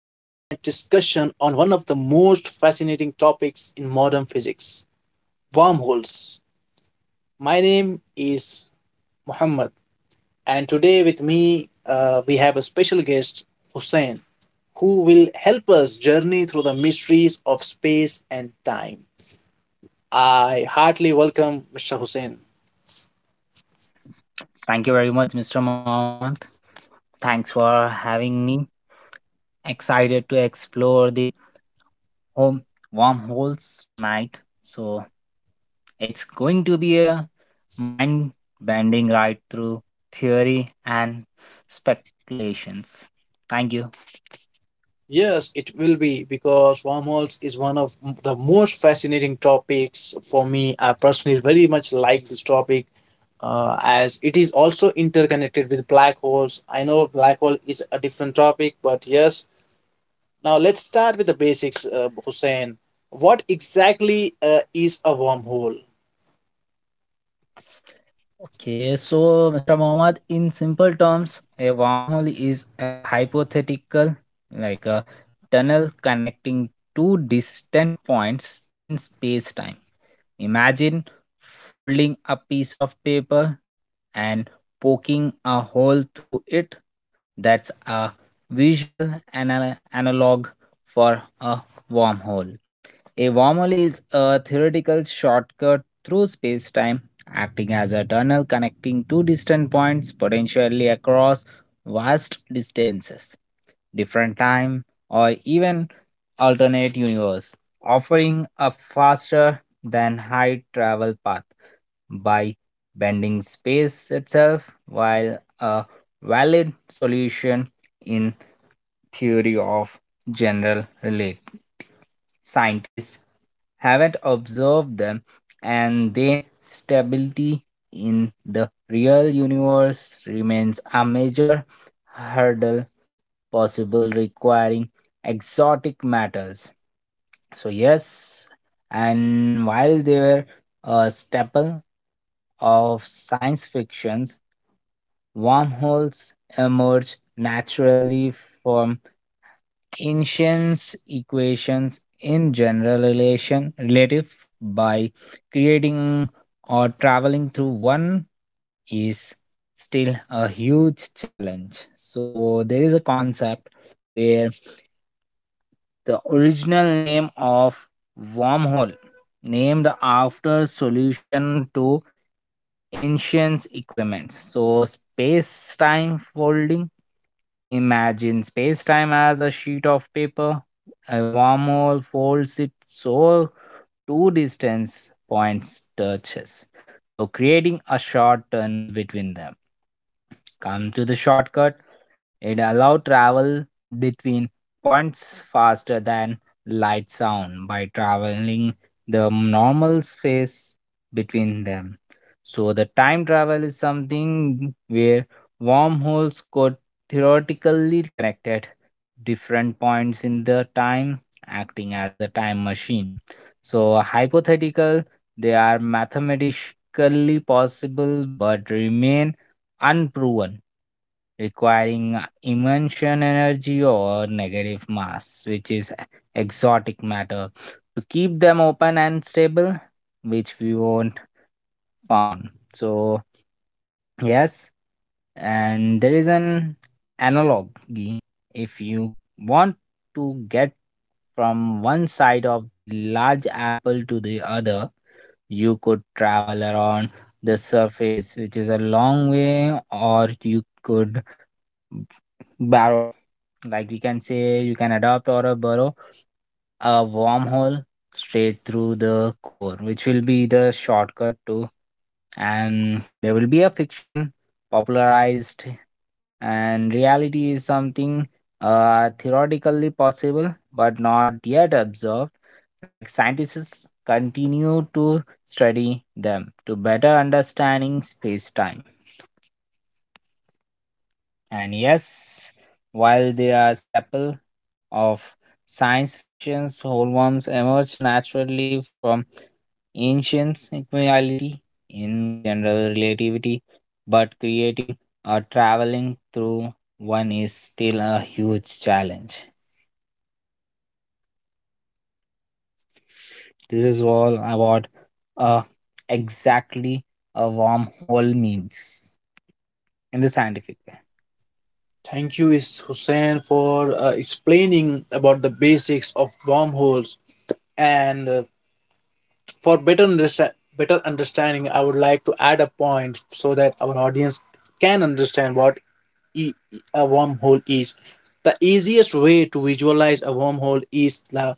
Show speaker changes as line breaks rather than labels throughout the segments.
discussion on one of the most fascinating topics in modern physics, wormholes. My name is Muhammad, and today with me we have a special guest, Hussein, who will help us journey through the mysteries of space and time. I heartily welcome Mr. Hussein.
Thank you very much, Mr. Mohammed. Thanks for having me. Excited to explore the home wormholes tonight. So it's going to be a mind bending ride through theory and speculations. Thank you.
Yes, it will be because wormholes is the most fascinating topics for me. I personally very much like this topic, as it is also interconnected with black holes. I know black hole is a different topic, but yes. Now let's start with the basics, Hussein. What exactly is a wormhole?
Okay, so Mr. Mohammed, in simple terms, a wormhole is a hypothetical, like a tunnel connecting two distant points in space time. Imagine folding a piece of paper and poking a hole through it. That's a visual analog for a wormhole. A wormhole is a theoretical shortcut through spacetime acting as a tunnel connecting two distant points potentially across vast distances, different time, or even alternate universe, offering a faster than high travel path by bending space itself while a valid solution in theory of general relativity, scientists haven't observed them and their stability in the real universe remains a major hurdle possible requiring exotic matters so yes, and while they were a staple of science fictions, wormholes emerge naturally from ancient equations in general relation relative by creating or traveling through one is still a huge challenge. So there is a concept where the original name of wormhole named after solution to ancient equipment so space time folding. Imagine space time as a sheet of paper. A wormhole folds it so two distance points touches, so creating a short tunnel between them. Come to the shortcut it allowed travel between points faster than light sound by traveling the normal space between them. So the time travel is something where wormholes could theoretically connected different points in the time, acting as a time machine. So hypothetical, they are mathematically possible but remain unproven requiring emotion energy or negative mass, which is exotic matter, to keep them open and stable, which we won't found. So yes, and there is an analogy if you want to get from one side of the large apple to the other, you could travel around the surface which is a long way, or you could barrel. Like we can say you can adopt or a burrow a wormhole straight through the core, which will be the shortcut to, and there will be a fiction popularized and reality is something theoretically possible but not yet observed, like scientists continue to study them to better understanding space-time. And yes, while they are staple of science fiction, homeworms emerged naturally from ancient equality in general relativity, but creating or traveling through one is still a huge challenge. This is all about uh, exactly a wormhole means in the scientific way.
Thank you, is Hussein, for explaining about the basics of wormholes, and better understanding, I would like to add a point so that our audience can understand what e- a wormhole is. The easiest way to visualize a wormhole is the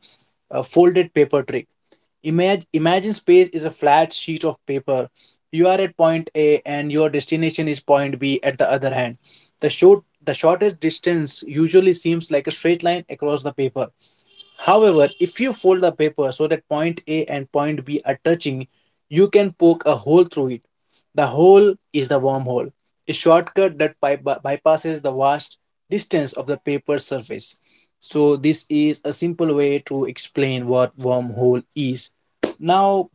folded paper trick. Imagine space is a flat sheet of paper. You are at point A and your destination is point B at the other hand. The shortest distance usually seems like a straight line across the paper. However, if you fold the paper so that point A and point B are touching, you can poke a hole through it. The hole is the wormhole, a shortcut that bypasses the vast distance of the paper surface. So, this is a simple way to explain what wormhole is. Now,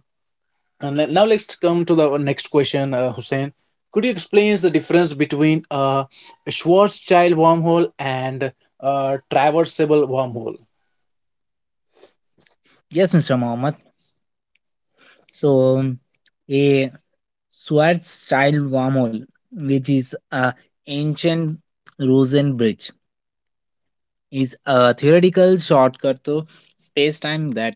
Now let's come to the next question, Hussein. Could you explain the difference between a Schwarzschild wormhole and a traversable wormhole?
Yes, Mr. Mohammed. So a Schwarzschild wormhole, which is a ancient Rosen bridge, is a theoretical shortcut to space-time that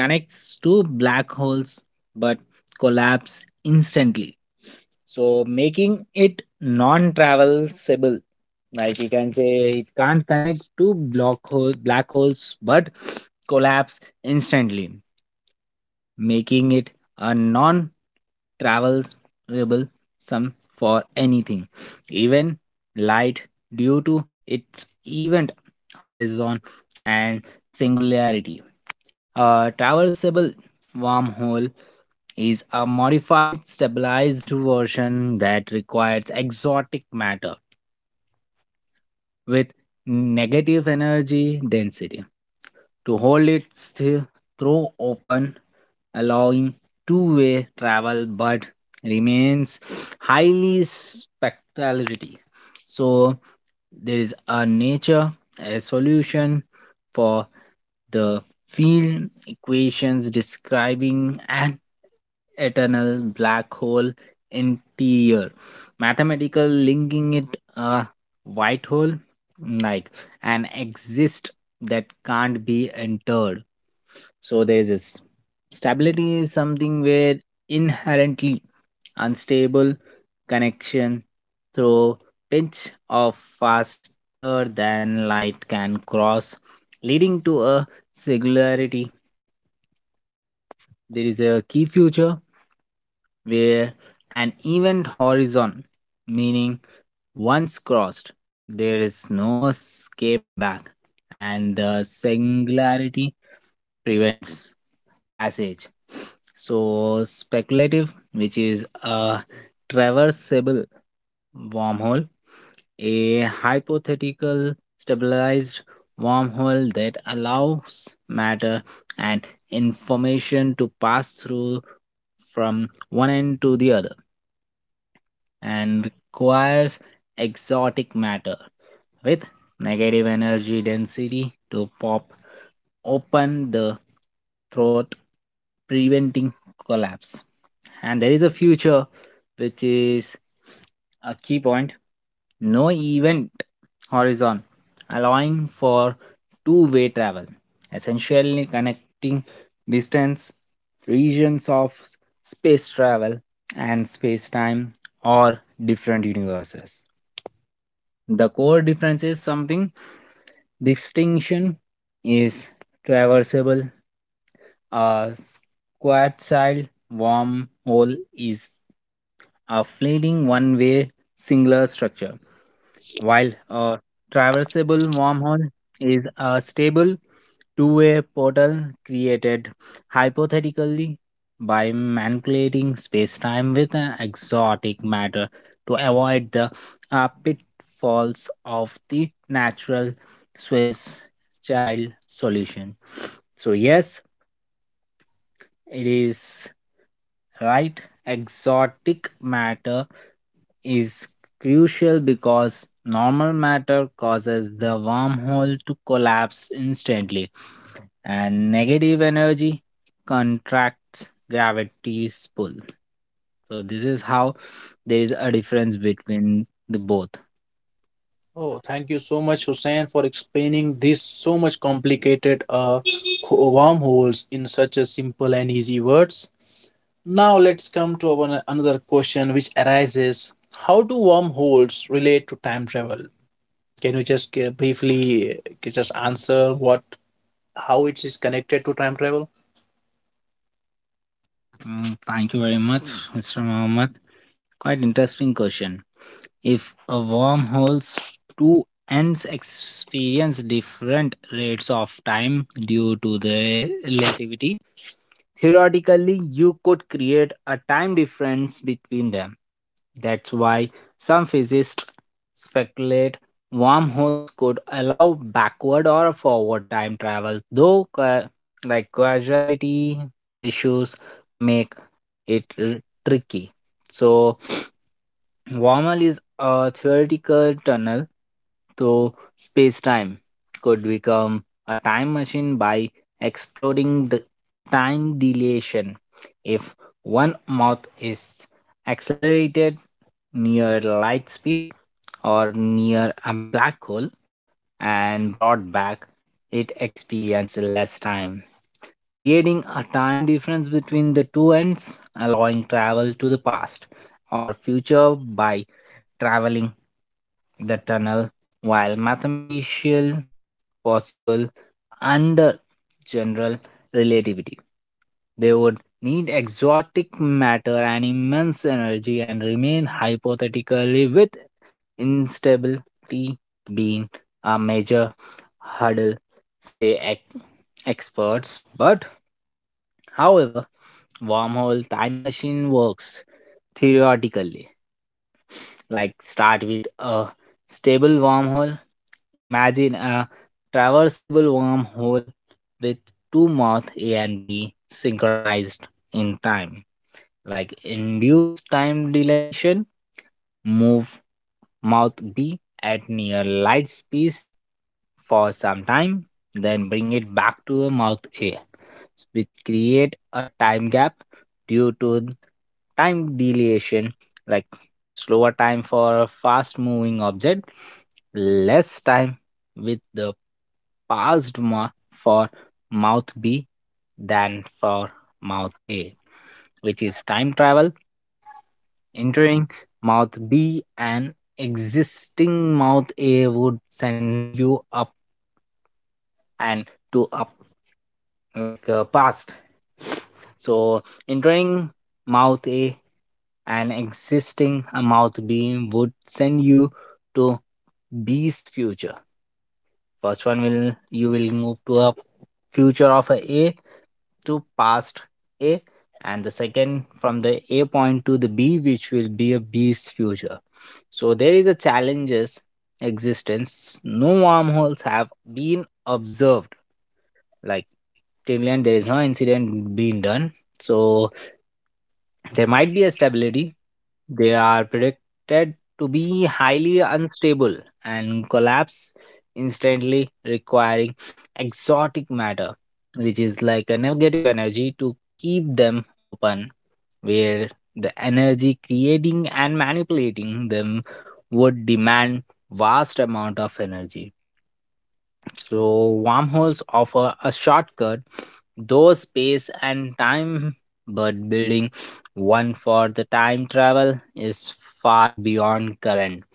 connects two black holes but collapse instantly. So making it non-traversable. Like you can say it can't connect two block hole black holes but collapse instantly making it a non travelable sum for anything, even light, due to its event horizon and singularity. A traversable wormhole is a modified, stabilized version that requires exotic matter with negative energy density. To hold it still, throw open, allowing two-way travel but remains highly spectrality. So, there is a nature, a solution for the field equations describing an eternal black hole interior mathematical linking it a white hole like an exist that can't be entered. So there is this stability is something where inherently unstable connection through pinch of faster than light can cross, leading to a singularity. There is a key future where an event horizon, meaning once crossed, there is no escape back, and the singularity prevents passage. So, speculative, which is a traversable wormhole. A hypothetical stabilized wormhole that allows matter and information to pass through from one end to the other and requires exotic matter with negative energy density to pop open the throat, preventing collapse. And there is a future which is a key point, no event horizon, allowing for two-way travel, essentially connecting distance, regions of space travel, and space time or different universes. The core difference is something distinction is traversable, a Schwarzschild wormhole is a fleeting one-way singular structure, while a traversable wormhole is a stable two-way portal created hypothetically by manipulating space-time with an exotic matter to avoid the pitfalls of the natural Swiss child solution. So yes, it is right. Exotic matter is crucial because normal matter causes the wormhole to collapse instantly, and negative energy contracts gravity's pull. So, this is how there is a difference between the both.
Oh, thank you so much, Hussein, for explaining this so much complicated, wormholes in such a simple and easy words. Now let's come to our, Another question which arises: how do wormholes relate to time travel? Can you just briefly just answer what how it is connected to time travel?
Mm, thank you very much, Mr. Mohammed. Quite interesting question. If a wormhole's two ends experience different rates of time due to their relativity, theoretically you could create a time difference between them. That's why some physicists speculate wormholes could allow backward or forward time travel, though like causality issues make it tricky. So wormhole is a theoretical tunnel through space-time. Could become a time machine by exploding the time dilation. If one moth is accelerated near light speed or near a black hole and brought back, it experiences less time creating a time difference between the two ends, allowing travel to the past or future by traveling the tunnel, while mathematical possible under general relativity. They would need exotic matter and immense energy and remain hypothetically with instability being a major hurdle, say experts. But However, wormhole time machine works theoretically. Like start with a stable wormhole. Imagine a traversable wormhole with two moth A and B synchronized in time like induced time dilation move mouth b at near light speed for some time then bring it back to the mouth a which create a time gap due to time dilation like slower time for a fast moving object less time with the passed ma- for mouth b than for mouth a which is time travel. Entering mouth B and existing mouth A would send you up and to up like past. So entering mouth A and existing a mouth B would send you to B's future. First one will you will move to a future of a A to past A, and the second from the A point to the B, which will be a B's future. So there is a challenges existence. No wormholes have been observed. Like till end, there is no incident being done. So there might be a stability. They are predicted to be highly unstable and collapse instantly, requiring exotic matter, which is like a negative energy, to keep them open, where the energy creating and manipulating them would demand vast amount of energy. So, wormholes offer a shortcut, though space and time, but building one for the time travel is far beyond current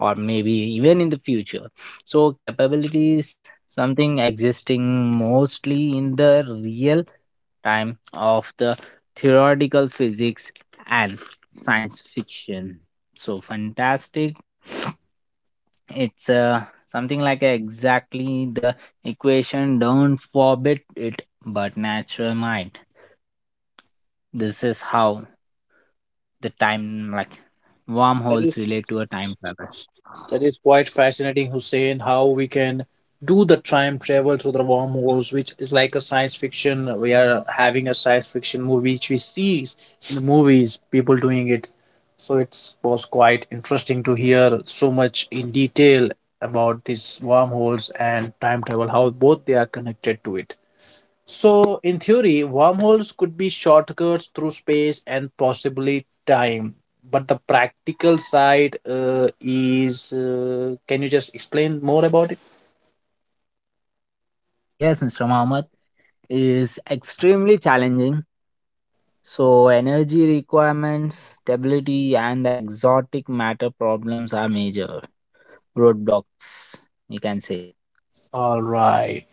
or maybe even in the future. So, capabilities something existing mostly in the real time of the theoretical physics and science fiction. So, fantastic it's something like exactly the equation don't forbid it but natural mind this is how the time like
That
wormholes
is
relate to a time travel.
that is quite fascinating, Hussein. How we can do the time travel through the wormholes, which is like a science fiction. We are having a science fiction movie, which we see in movies, people doing it. So it was quite interesting to hear so much in detail about these wormholes and time travel, how both they are connected to it. So, in theory, wormholes could be shortcuts through space and possibly time. But the practical side, is, can you just explain more about it?
Yes, Mr. Mohammed, is extremely challenging. So energy requirements stability and the exotic matter problems are major roadblocks, you can say.
All right.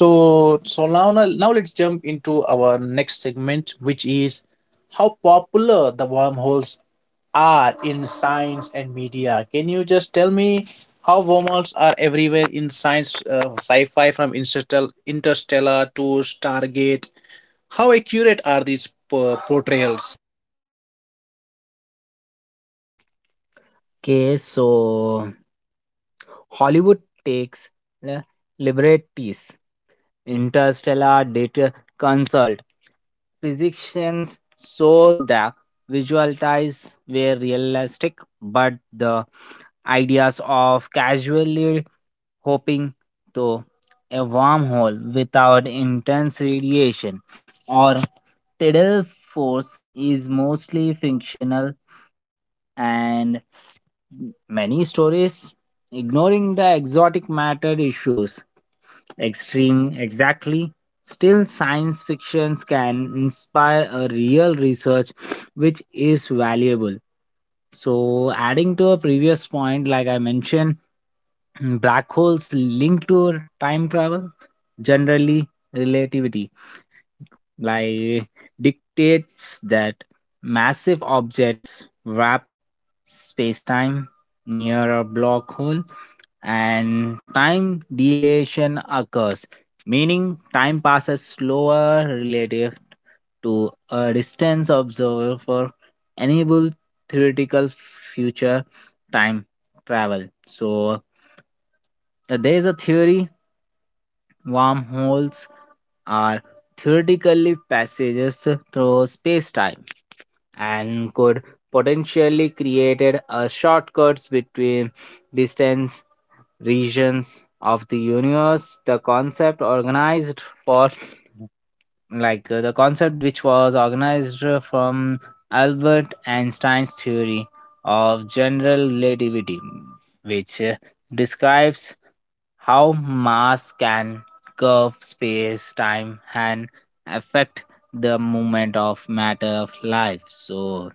So now let's jump into our next segment, which is how popular the wormholes are in science and media. Can you just tell me how wormholes are everywhere in science, sci-fi, from interstellar to Stargate? How accurate are these portrayals?
Okay, so Hollywood takes li- liberties. Interstellar data consult. Physicians show the visual ties were realistic, but the ideas of casually hoping to a wormhole without intense radiation or tidal force is mostly fictional, and many stories ignoring the exotic matter issues extreme exactly still science fictions can inspire a real research which is valuable. So adding to a previous point like I mentioned, black holes linked to time travel, generally relativity like dictates that massive objects wrap space-time near a black hole and time dilation occurs meaning time passes slower relative to a distance observer for enable theoretical future time travel. So there is a theory. Wormholes are theoretically passages through space-time and could potentially create a shortcuts between distant regions of the universe. The concept organized for the concept which was organized from Albert Einstein's theory of general relativity, which describes how mass can curve space time and affect the movement of matter of life. So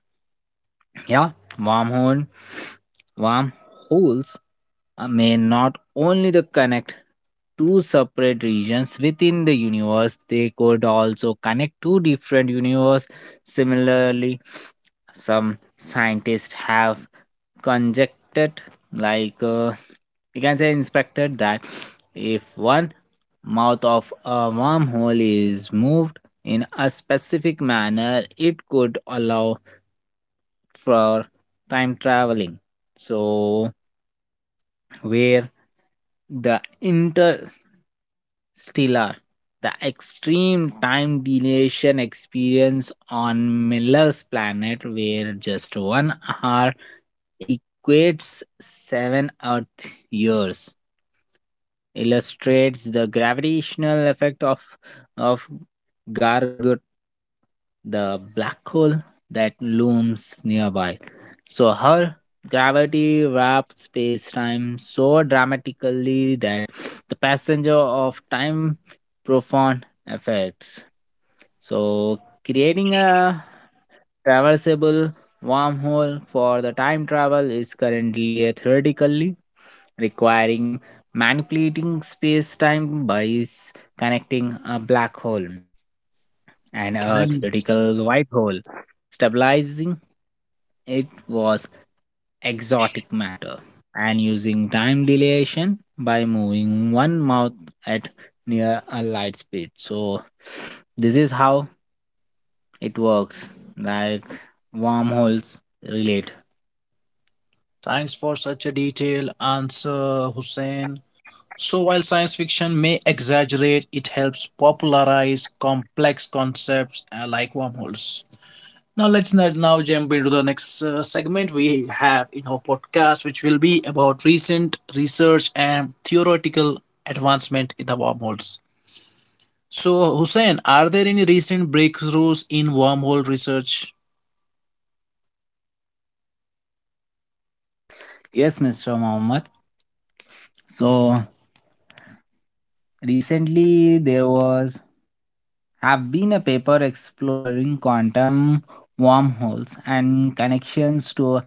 yeah, wormhole wormholes may not only the connect two separate regions within the universe, they could also connect two different universes. Similarly, some scientists have conjectured, like uh, you can say, inspected that if one mouth of a wormhole is moved in a specific manner, it could allow for time traveling. So, where the interstellar, the extreme time dilation experience on Miller's planet, where just 1 hour equates 7 Earth years, illustrates the gravitational effect of Gargut, the black hole that looms nearby. So her gravity wraps space-time so dramatically that the passenger of time profound effects. So, creating a traversable wormhole for the time travel is currently a theoretically requiring manipulating space time by connecting a black hole and a
Nice.
theoretical white hole, stabilizing it was exotic matter and using time dilation by moving one mouth at near a light speed. So this is how it works, like wormholes relate.
Thanks for such a detailed answer, Hussein. So, while science fiction may exaggerate, it helps popularize complex concepts like wormholes. Now jump into the next segment we have in our podcast, which will be about recent research and theoretical advancement in the wormholes. So, Hussein, are there any recent breakthroughs in wormhole research?
Yes, Mr. Mohammed. So recently there was have been a paper exploring quantum wormholes and connections to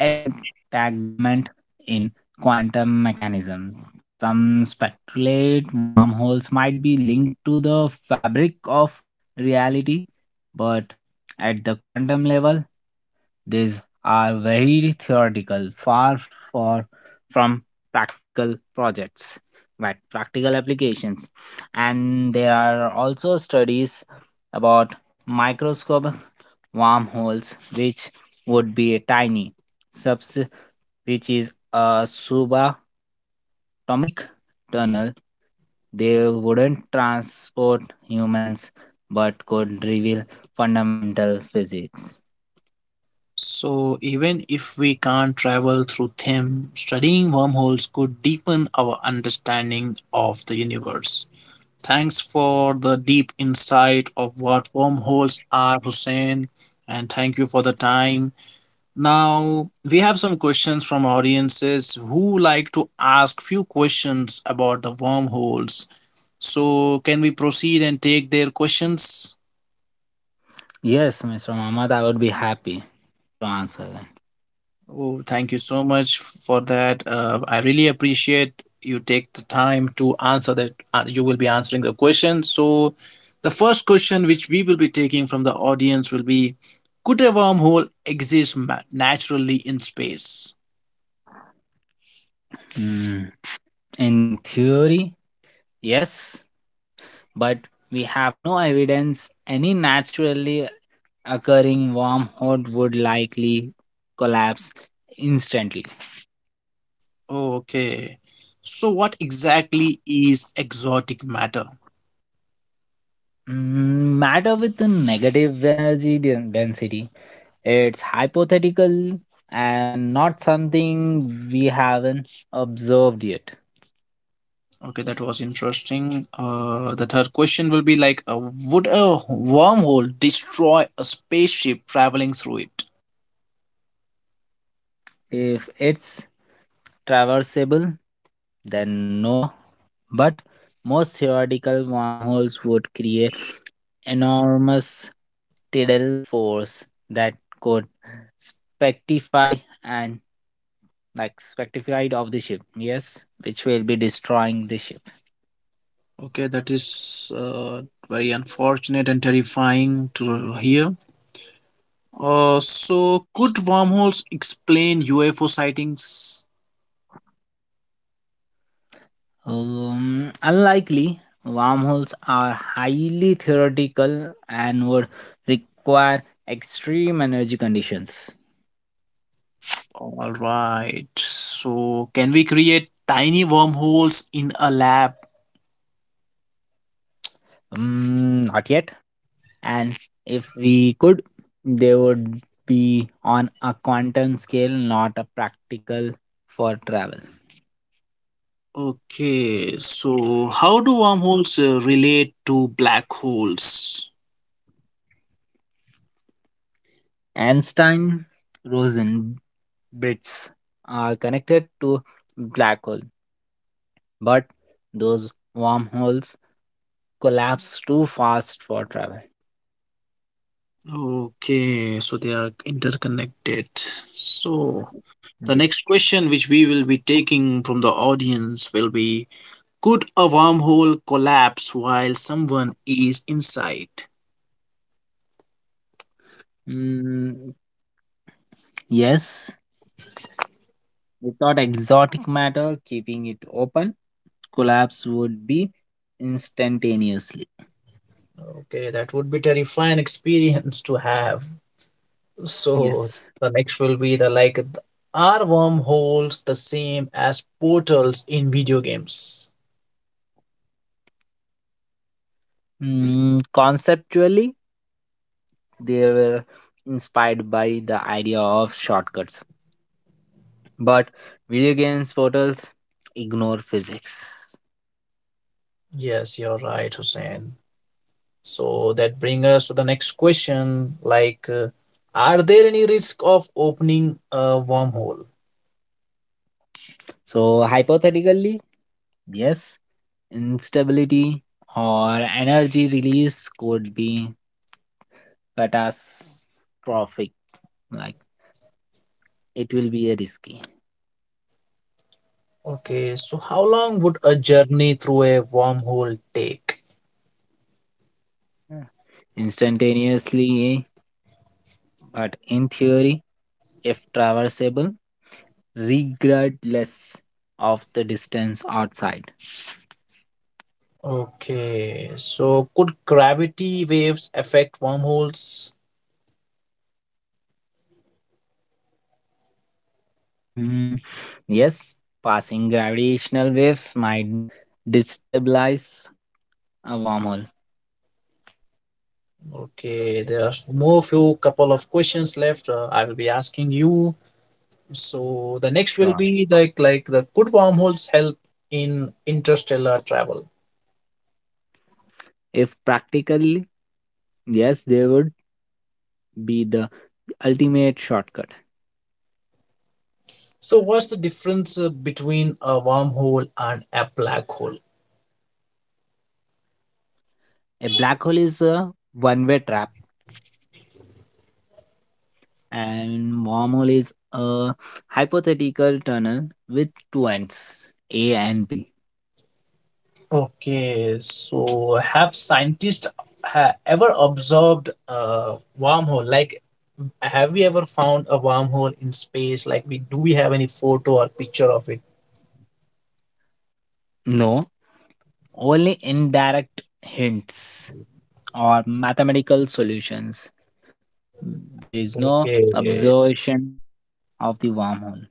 entanglement in quantum mechanisms. Some speculate wormholes might be linked to the fabric of reality, but at the quantum level, these are very theoretical, far, far from practical projects, like practical applications. And there are also studies about microscopic wormholes, which would be a tiny subs, which is a subatomic tunnel. They wouldn't transport humans but could reveal fundamental physics.
So, even if we can't travel through them, studying wormholes could deepen our understanding of the universe. Thanks for the deep insight of what wormholes are, Hussein, and thank you for the time. Now, we have some questions from audiences who like to ask few questions about the wormholes. So, can we proceed and take their questions?
Yes, Mr. Mohammed, I would be happy to answer that.
Oh, thank you so much for that. I really appreciate you take the time to answer that. You will be answering the question. So, the first question which we will be taking from the audience will be: could a wormhole exist naturally in space?
Mm, in theory, yes, but we have no evidence any naturally occurring wormhole would likely collapse instantly.
Oh, okay. So, what exactly is exotic matter?
Mm, matter with a negative energy density, it's hypothetical and not something we haven't observed yet.
Okay, that was interesting. The third question will be like, would a wormhole destroy a spaceship traveling through it?
If it's traversable than no, but most theoretical wormholes would create enormous tidal force that could spectify and like spectified of the ship, yes, which will be destroying the ship.
Okay, that is, very unfortunate and terrifying to hear. So, could wormholes explain UFO sightings?
Unlikely, wormholes are highly theoretical and would require extreme energy conditions.
All right. So, can we create tiny wormholes in a lab?
Mm, not yet, and if we could they would be on a quantum scale, not a practical for travel.
Okay. So, how do wormholes relate to black holes?
Einstein Rosen bits are connected to black hole but those wormholes collapse too fast for travel.
Okay. So, they are interconnected. So, the
Yes.
next question which we will be taking from the audience will be: could a wormhole collapse while someone is inside?
Mm, yes, without exotic matter keeping it open collapse would be instantaneously.
Okay, that would be terrifying experience to have. So
Yes.
the next will be the like, are wormholes the same as portals in video games?
Mm, conceptually, they were inspired by the idea of shortcuts, but video games portals ignore physics.
Yes, you're right, Hussein. So that brings us to the next question like, are there any risk of opening a wormhole?
So, hypothetically, yes, instability or energy release could be catastrophic, like it will be a risky.
Okay, so how long would a journey through a wormhole take?
Yeah, instantaneously, but in theory, if traversable, regardless of the distance outside.
Okay, so could gravity waves affect wormholes?
Hmm. Yes, passing gravitational waves might destabilize a wormhole.
Okay, there are more few couple of questions left. I will be asking you. So the next will
Sure.
be like the could wormholes help in interstellar travel?
If practically, yes, they would be the ultimate shortcut.
So what's the difference between a wormhole and a black hole?
A black hole is a one way trap, and wormhole is a hypothetical tunnel with two ends, A and B.
Okay, so have scientists ever observed a wormhole? Like, have we ever found a wormhole in space, like, we do we have any photo or picture of it?
No, only indirect hints or mathematical solutions. There is no
Okay,
observation of the wormhole.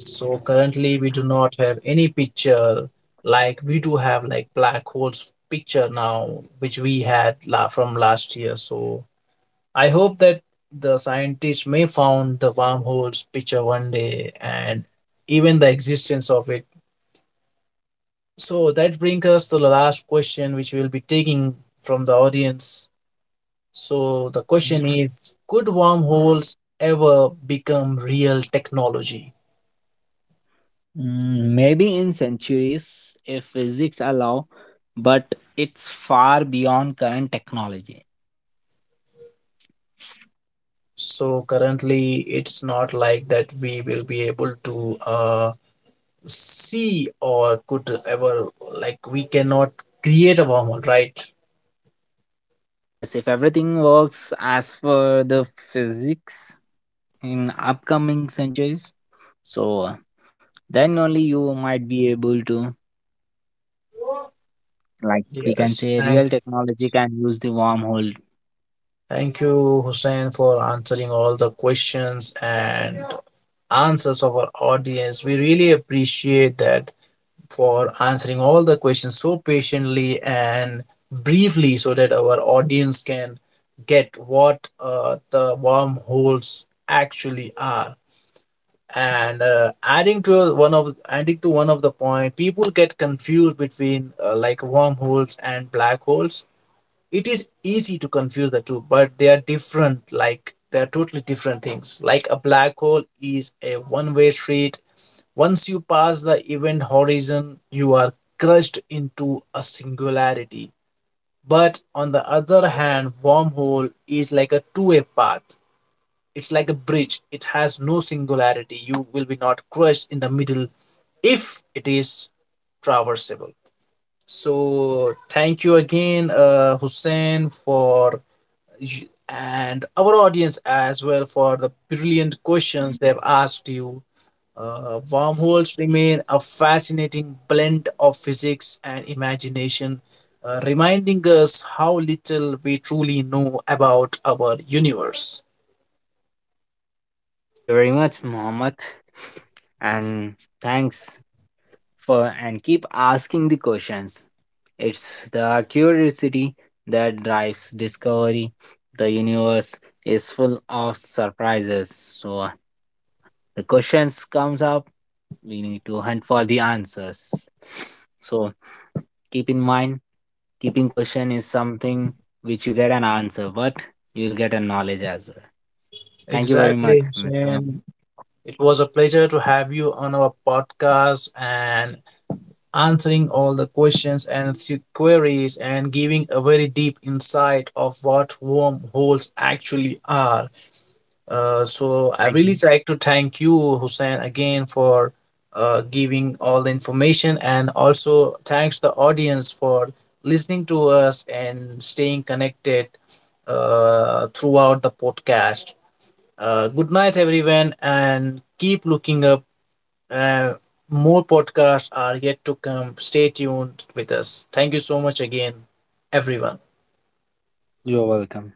so currently we do not have any picture, like we do have like black holes picture now, which we had from last year. So I hope that the scientists may found the wormholes picture one day and even the existence of it. So that brings us to the last question which we'll be taking from the audience. So the question is, could wormholes ever become real technology?
Mm, maybe in centuries, if physics allow, but it's far beyond current technology.
So currently, it's not like that we will be able to see or could ever like we cannot create a wormhole, right?
Yes, if everything works as per the physics in upcoming centuries, so then only you might be able to, like, we can
Yes.
say real technology can use the wormhole.
Thank you, Hussein, for answering all the questions and answers of our audience. We really appreciate that for answering all the questions so patiently and briefly so that our audience can get what the wormholes actually are. And adding to one of the point, people get confused between, like, wormholes and black holes. It is easy to confuse the two, but they are different, like they are totally different things. Like a black hole is a one way street; once you pass the event horizon, you are crushed into a singularity. But on the other hand, wormhole is like a two-way path. It's like a bridge. It has no singularity. You will be not crushed in the middle if it is traversable. So thank you again, Hussein, for, and our audience as well, for the brilliant questions they've asked you. Wormholes remain a fascinating blend of physics and imagination, reminding us how little we truly know about our universe.
Thank you very much, Mohammed, and thanks for and keep asking the questions. It's the curiosity that drives discovery. The universe is full of surprises. So the questions comes up, we need to hunt for the answers. So keep in mind, keeping question is something which you get an answer, but you'll get a knowledge as well. Thank you very much,
Exactly,
Mr. Mohammed.
Shane. It was a pleasure to have you on our podcast and answering all the questions and queries and giving a very deep insight of what wormholes actually are. So I
Thank you.
really like to thank you, Hussein, again for giving all the information, and also thanks the audience for listening to us and staying connected throughout the podcast. Good night, everyone, and keep looking up. Uh, more podcasts are yet to come. Stay tuned with us. Thank you so much again, everyone.
You're welcome.